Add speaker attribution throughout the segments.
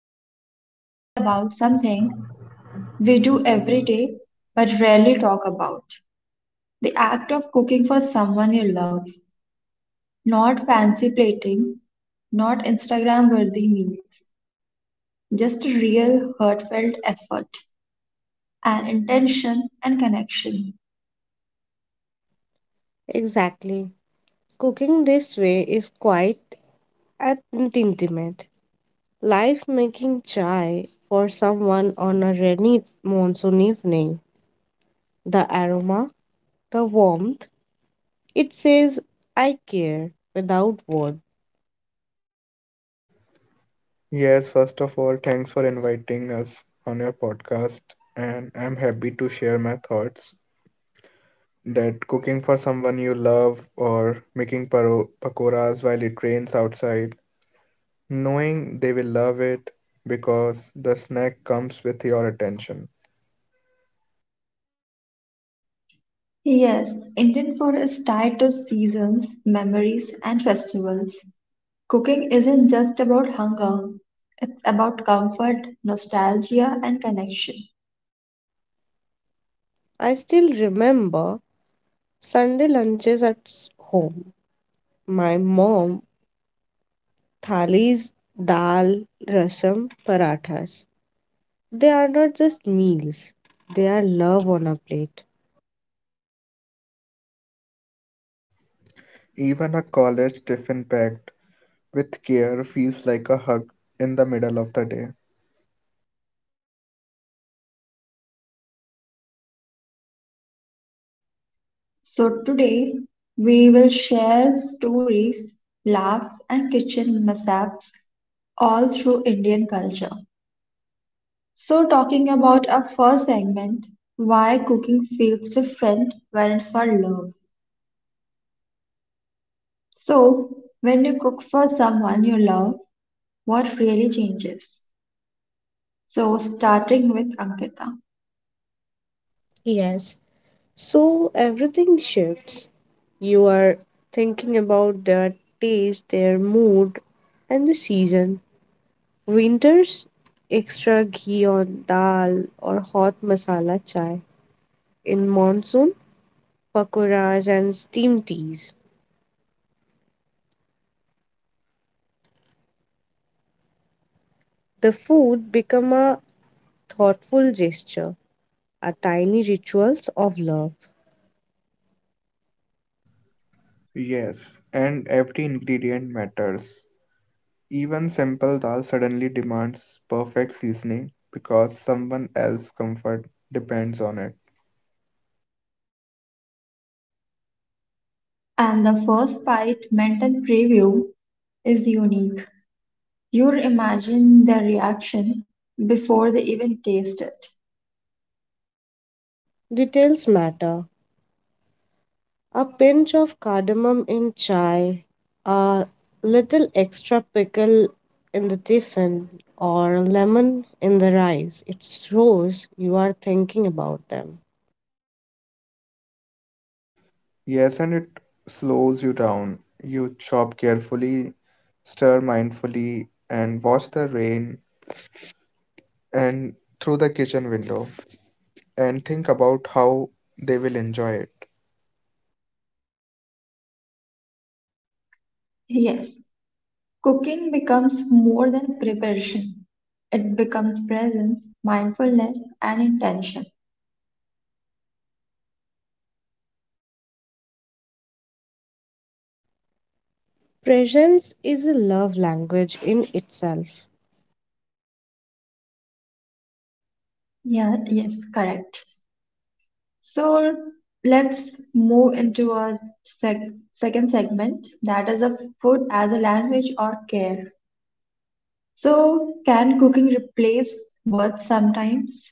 Speaker 1: episode is all about something we do every day but rarely talk about: the act of cooking for someone you love. Not fancy plating, not Instagram worthy meals, just a real heartfelt effort and intention and connection.
Speaker 2: Exactly. Cooking this way is quite and intimate. Life making chai for someone on a rainy monsoon evening. The aroma, the warmth, it says, I care without words.
Speaker 3: Yes, first of all, thanks for inviting us on your podcast, and I'm happy to share my thoughts that cooking for someone you love or making pakoras while it rains outside, knowing they will love it because the snack comes with your attention.
Speaker 1: Yes, Indian food is tied to seasons, memories, and festivals. Cooking isn't just about hunger, it's about comfort, nostalgia, and connection.
Speaker 2: I still remember Sunday lunches at home. My mom thalis, dal, rasam, parathas. They are not just meals, they are love on a plate.
Speaker 3: Even a college tiffin packed with care feels like a hug in the middle of the day.
Speaker 1: So, today we will share stories, laughs, and kitchen mishaps all through Indian culture. So, talking about our first segment, why cooking feels different when it's for love. So, when you cook for someone you love, what really changes? So, starting with Ankita.
Speaker 2: Yes, so everything shifts. You are thinking about their taste, their mood, and the season. Winters, extra ghee on dal or hot masala chai. In monsoon, pakoras and steam teas. The food become a thoughtful gesture, a tiny rituals of love.
Speaker 3: Yes, and every ingredient matters. Even simple dal suddenly demands perfect seasoning because someone else's comfort depends on it.
Speaker 1: And the first bite mental preview is unique. You imagine their reaction before they even taste it.
Speaker 2: Details matter. A pinch of cardamom in chai, a little extra pickle in the tiffin, or lemon in the rice. It shows you are thinking about them.
Speaker 3: Yes, and it slows you down. You chop carefully, stir mindfully, and watch the rain and through the kitchen window and think about how they will enjoy it.
Speaker 1: Yes, cooking becomes more than preparation. It becomes presence, mindfulness, and intention.
Speaker 2: Presence is a love language in itself.
Speaker 1: Yeah, yes, correct. So let's move into our second segment, that is a food as a language or care. So can cooking replace words sometimes?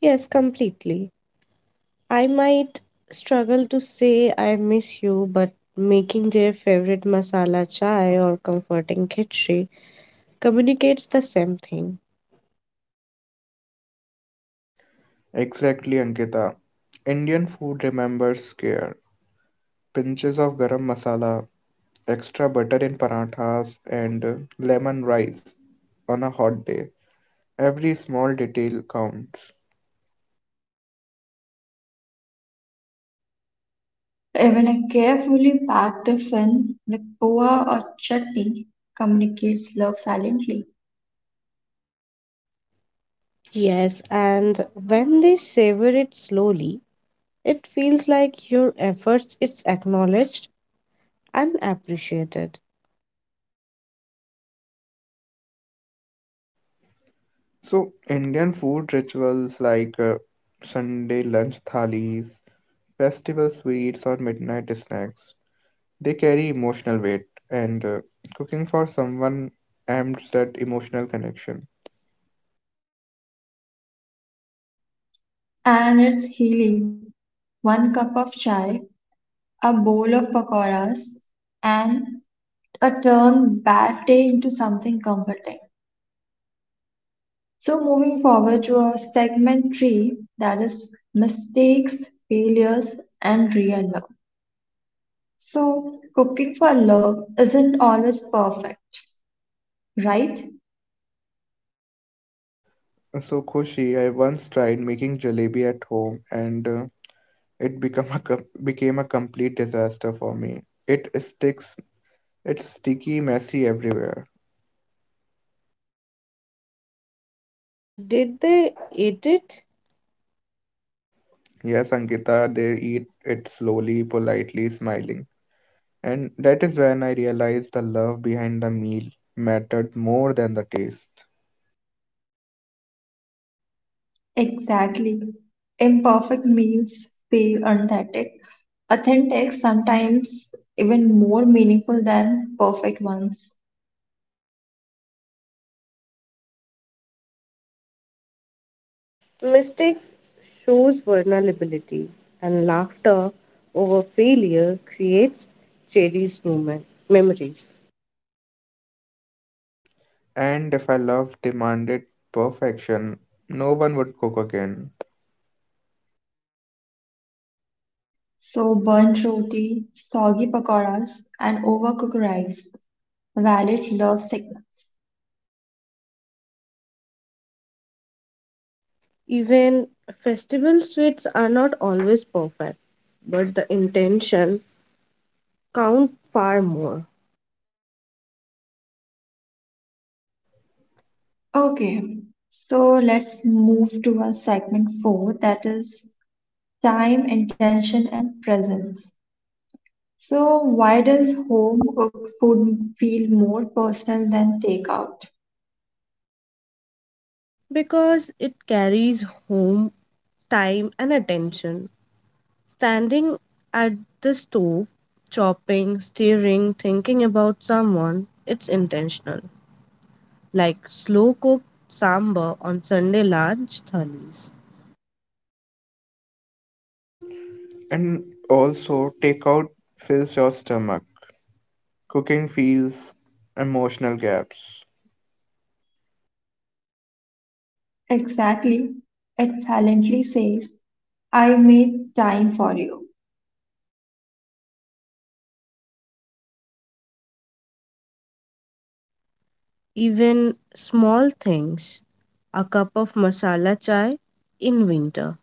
Speaker 2: Yes, completely. I might struggle to say I miss you, but making their favorite masala chai or comforting khichdi communicates the same thing.
Speaker 3: Exactly, Ankita. Indian food remembers care. Pinches of garam masala, extra butter in parathas, and lemon rice on a hot day. Every small detail counts.
Speaker 1: Even a carefully packed fin with poha or chutney communicates love silently.
Speaker 2: Yes, and when they savor it slowly, it feels like your efforts it's acknowledged and appreciated.
Speaker 3: So, Indian food rituals like Sunday lunch thalis, festival sweets, or midnight snacks, they carry emotional weight, and cooking for someone amps that emotional connection.
Speaker 1: And it's healing. One cup of chai, a bowl of pakoras, and a turn bad day into something comforting. So, moving forward to our segment three, that is mistakes, failures, and real love. So, cooking for love isn't always perfect, right?
Speaker 3: So, Khushi, I once tried making jalebi at home, and it became a complete disaster for me. It sticks, it's sticky, messy everywhere.
Speaker 2: Did they eat it?
Speaker 3: Yes, Ankita, they eat it slowly, politely, smiling. And that is when I realized the love behind the meal mattered more than the taste.
Speaker 1: Exactly. Imperfect meals feel authentic. Authentic, sometimes even more meaningful than perfect ones.
Speaker 2: Mistakes shows vulnerability, and laughter over failure creates cherished moment memories.
Speaker 3: And if I love demanded perfection, no one would cook again.
Speaker 1: So, burnt roti, soggy pakoras, and overcooked rice. Valid love signals.
Speaker 2: Even festival sweets are not always perfect, but the intention count far more
Speaker 1: Okay, so let's move to our segment four, that is time, intention, and presence. So, why does home cooked food feel more personal than takeout?
Speaker 2: because it carries home time and attention. Standing at the stove, chopping, stirring, thinking about someone, it's intentional, like slow cooked sambar on Sunday lunch thalis.
Speaker 3: And also, takeout fills your stomach. Cooking fills emotional gaps.
Speaker 1: Exactly. It silently says, I made time for you.
Speaker 2: Even small things, a cup of masala chai in winter,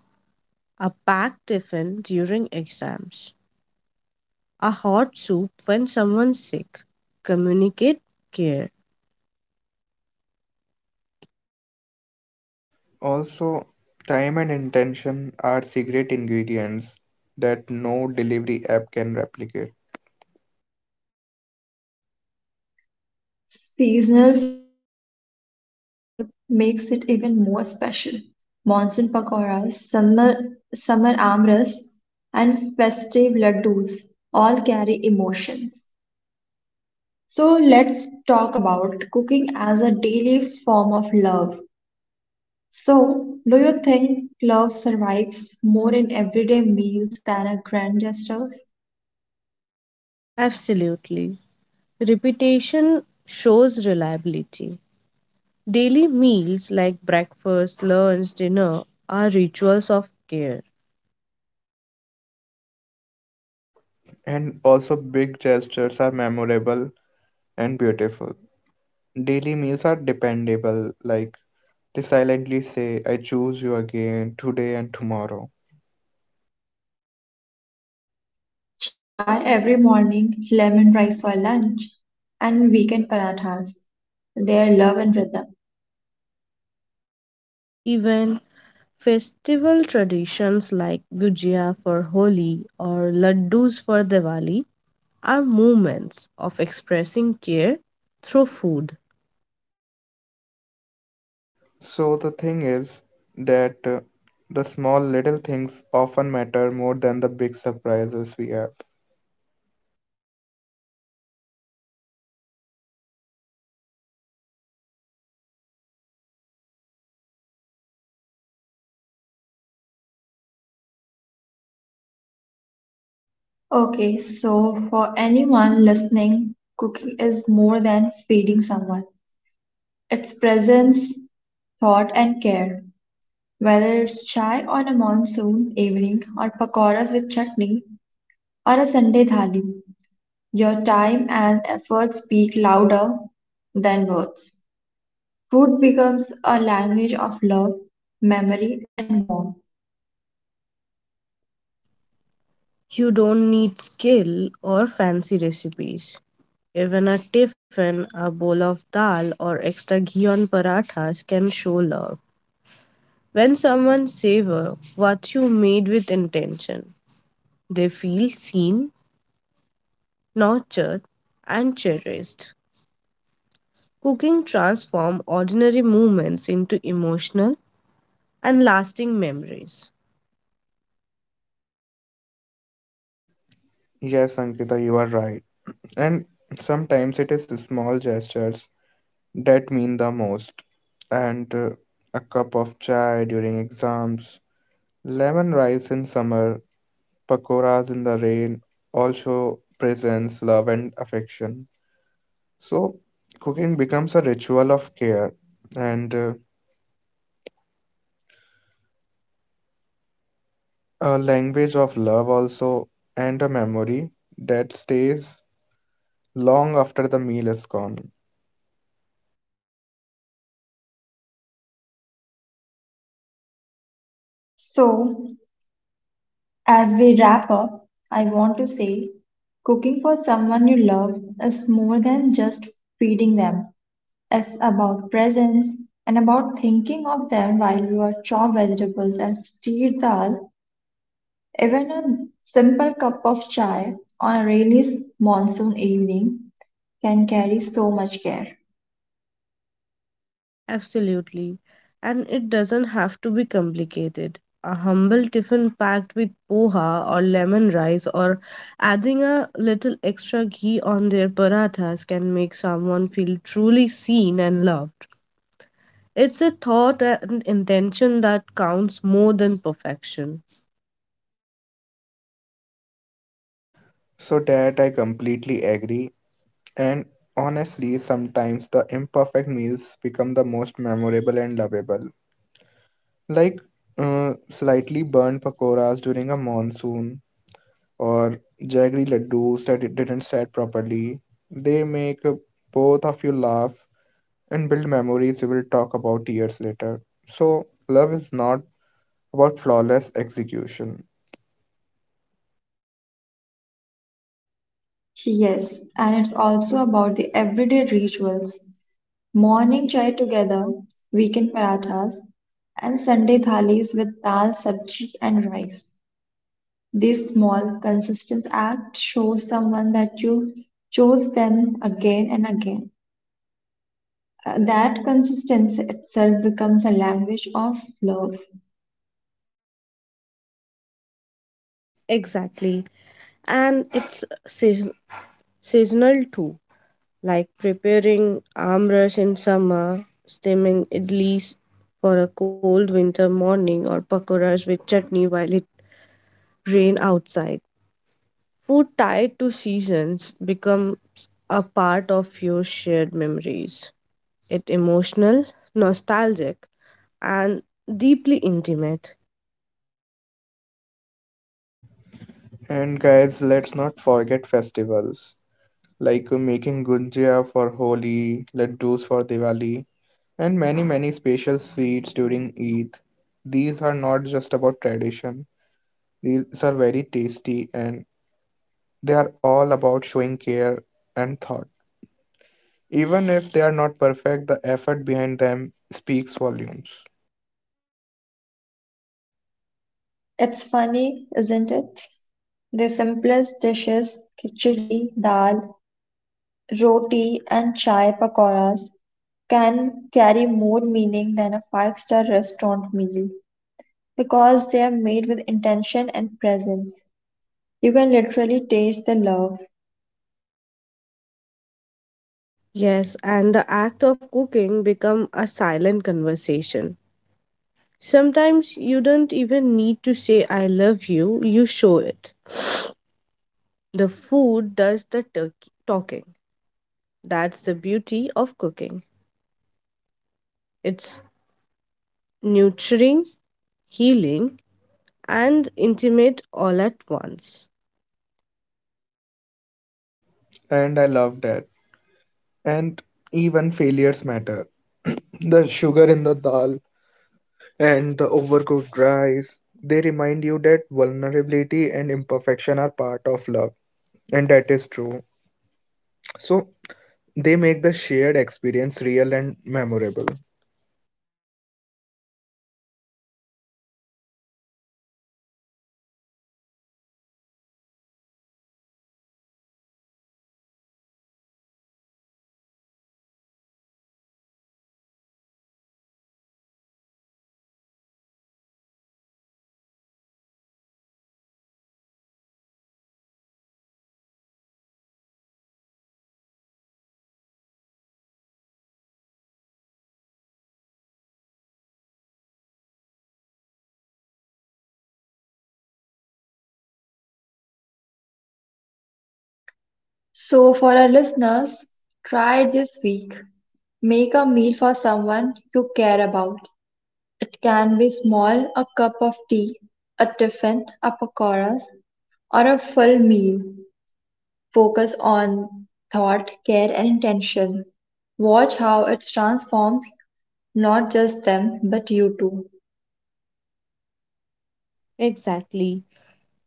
Speaker 2: a packed tiffin during exams, a hot soup when someone's sick, communicate care.
Speaker 3: Also, time and intention are secret ingredients that no delivery app can replicate.
Speaker 1: Seasonal food makes it even more special. Monsoon pakoras, summer amras, and festive laddus all carry emotions. So let's talk about cooking as a daily form of love. So, do you think love survives more in everyday meals than a grand gesture?
Speaker 2: Absolutely. Repetition shows reliability. Daily meals like breakfast, lunch, dinner are rituals of care.
Speaker 3: And also, big gestures are memorable and beautiful. Daily meals are dependable, like they silently say, I choose you again today and tomorrow.
Speaker 1: Chai every morning, lemon rice for lunch, and weekend parathas. Their love and rhythm.
Speaker 2: Even festival traditions like Gujia for Holi or Laddus for Diwali are moments of expressing care through food.
Speaker 3: So, the thing is that the small little things often matter more than the big surprises we have.
Speaker 1: Okay, so for anyone listening, cooking is more than feeding someone. It's presence, thought, and care. Whether it's chai on a monsoon evening, or pakoras with chutney, or a Sunday thali, your time and effort speak louder than words. Food becomes a language of love, memory, and warmth.
Speaker 2: You don't need skill or fancy recipes. Even a tiffin, a bowl of dal, or extra ghee on parathas can show love. When someone savor what you made with intention, they feel seen, nurtured, and cherished. Cooking transforms ordinary moments into emotional and lasting memories.
Speaker 3: Yes, Ankita, you are right. And sometimes it is small gestures that mean the most. And a cup of chai during exams, lemon rice in summer, pakoras in the rain also presents love and affection. So, cooking becomes a ritual of care and a language of love, also, and a memory that stays long after the meal is gone.
Speaker 1: So, as we wrap up, I want to say cooking for someone you love is more than just feeding them, it's about presence and about thinking of them while you are chop vegetables and stir dal. Even a simple cup of chai on a rainy monsoon evening can carry so much care.
Speaker 2: Absolutely. And it doesn't have to be complicated. A humble tiffin packed with poha or lemon rice or adding a little extra ghee on their parathas can make someone feel truly seen and loved. It's a thought and intention that counts more than perfection.
Speaker 3: So, that I completely agree. And honestly, sometimes the imperfect meals become the most memorable and lovable. Like slightly burned pakoras during a monsoon or jaggery laddus that it didn't set properly. They make both of you laugh and build memories you will talk about years later. So, love is not about flawless execution.
Speaker 1: Yes, and it's also about the everyday rituals. Morning chai together, weekend parathas, and Sunday thalis with dal, sabji, and rice. This small, consistent act shows someone that you chose them again and again. That consistency itself becomes a language of love.
Speaker 2: Exactly. And seasonal too, like preparing amras in summer, steaming idlis for a cold winter morning, or pakoras with chutney while it rains outside. Food tied to seasons becomes a part of your shared memories. It emotional, nostalgic, and deeply intimate.
Speaker 3: And guys, let's not forget festivals like making gunjia for Holi, laddus for Diwali, and many many special sweets during Eid. These are not just about tradition. These are very tasty and they are all about showing care and thought. Even if they are not perfect, the effort behind them speaks volumes.
Speaker 1: It's funny, isn't it? The simplest dishes, khichdi, dal, Roti and chai pakoras can carry more meaning than a five-star restaurant meal because they are made with intention and presence. You can literally taste the love.
Speaker 2: Yes, and the act of cooking become a silent conversation. Sometimes you don't even need to say I love you, you show it. The food does the talking. That's the beauty of cooking. It's nurturing, healing, and intimate all at once.
Speaker 3: And I love that. And even failures matter. The sugar in the dal and the overcooked rice, they remind you that vulnerability and imperfection are part of love. And that is true. So they make the shared experience real and memorable.
Speaker 1: So, for our listeners, try it this week. Make a meal for someone you care about. It can be small, a cup of tea, a tiffin, a pakoras, or a full meal. Focus on thought, care, and intention. Watch how it transforms not just them, but you too.
Speaker 2: Exactly.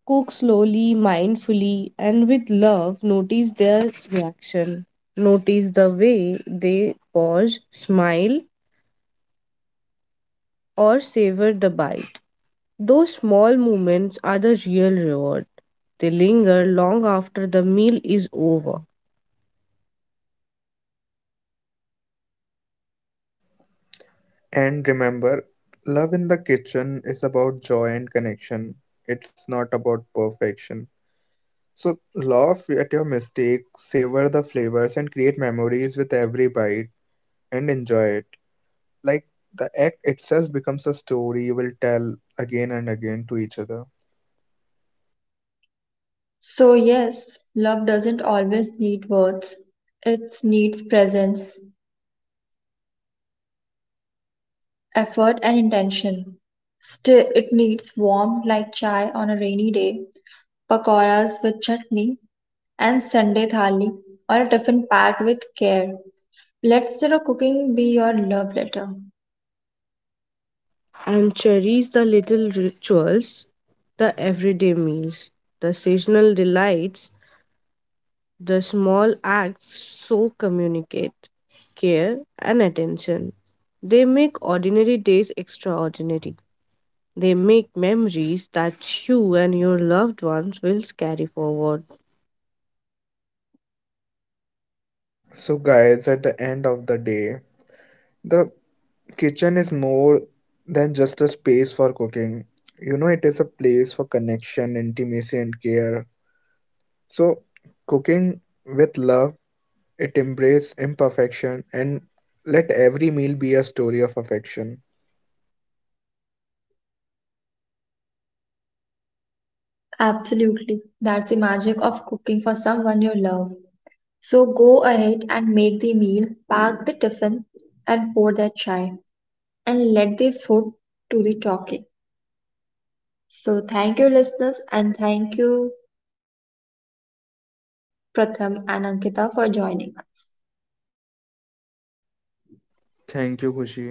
Speaker 2: Cook slowly, mindfully, and with love. Notice their reaction. Notice the way they pause, smile, or savor the bite. Those small moments are the real reward. They linger long after the meal is over
Speaker 3: And remember, love in the kitchen is about joy and connection. It's not about perfection. So laugh at your mistakes, savor the flavors, and create memories with every bite and enjoy it. Like the act itself becomes a story you will tell again and again to each other.
Speaker 1: So, yes, love doesn't always need words, it needs presence, effort, and intention. Still, it needs warmth like chai on a rainy day, pakoras with chutney, and Sunday thali or a tiffin pack with care. Let your cooking be your love letter.
Speaker 2: and cherish the little rituals, the everyday meals, the seasonal delights, the small acts so communicate care and attention. They make ordinary days extraordinary. They make memories that you and your loved ones will carry forward.
Speaker 3: So, guys, at the end of the day, the kitchen is more than just a space for cooking. You know, it is a place for connection, intimacy, and care. So, cooking with love, it embraces imperfection and let every meal be a story of affection.
Speaker 1: Absolutely. That's the magic of cooking for someone you love. So go ahead and make the meal, pack the tiffin, and pour that chai, and let the food do the talking. So thank you, listeners, and thank you, Pratham and Ankita, for joining us.
Speaker 3: Thank you खुशी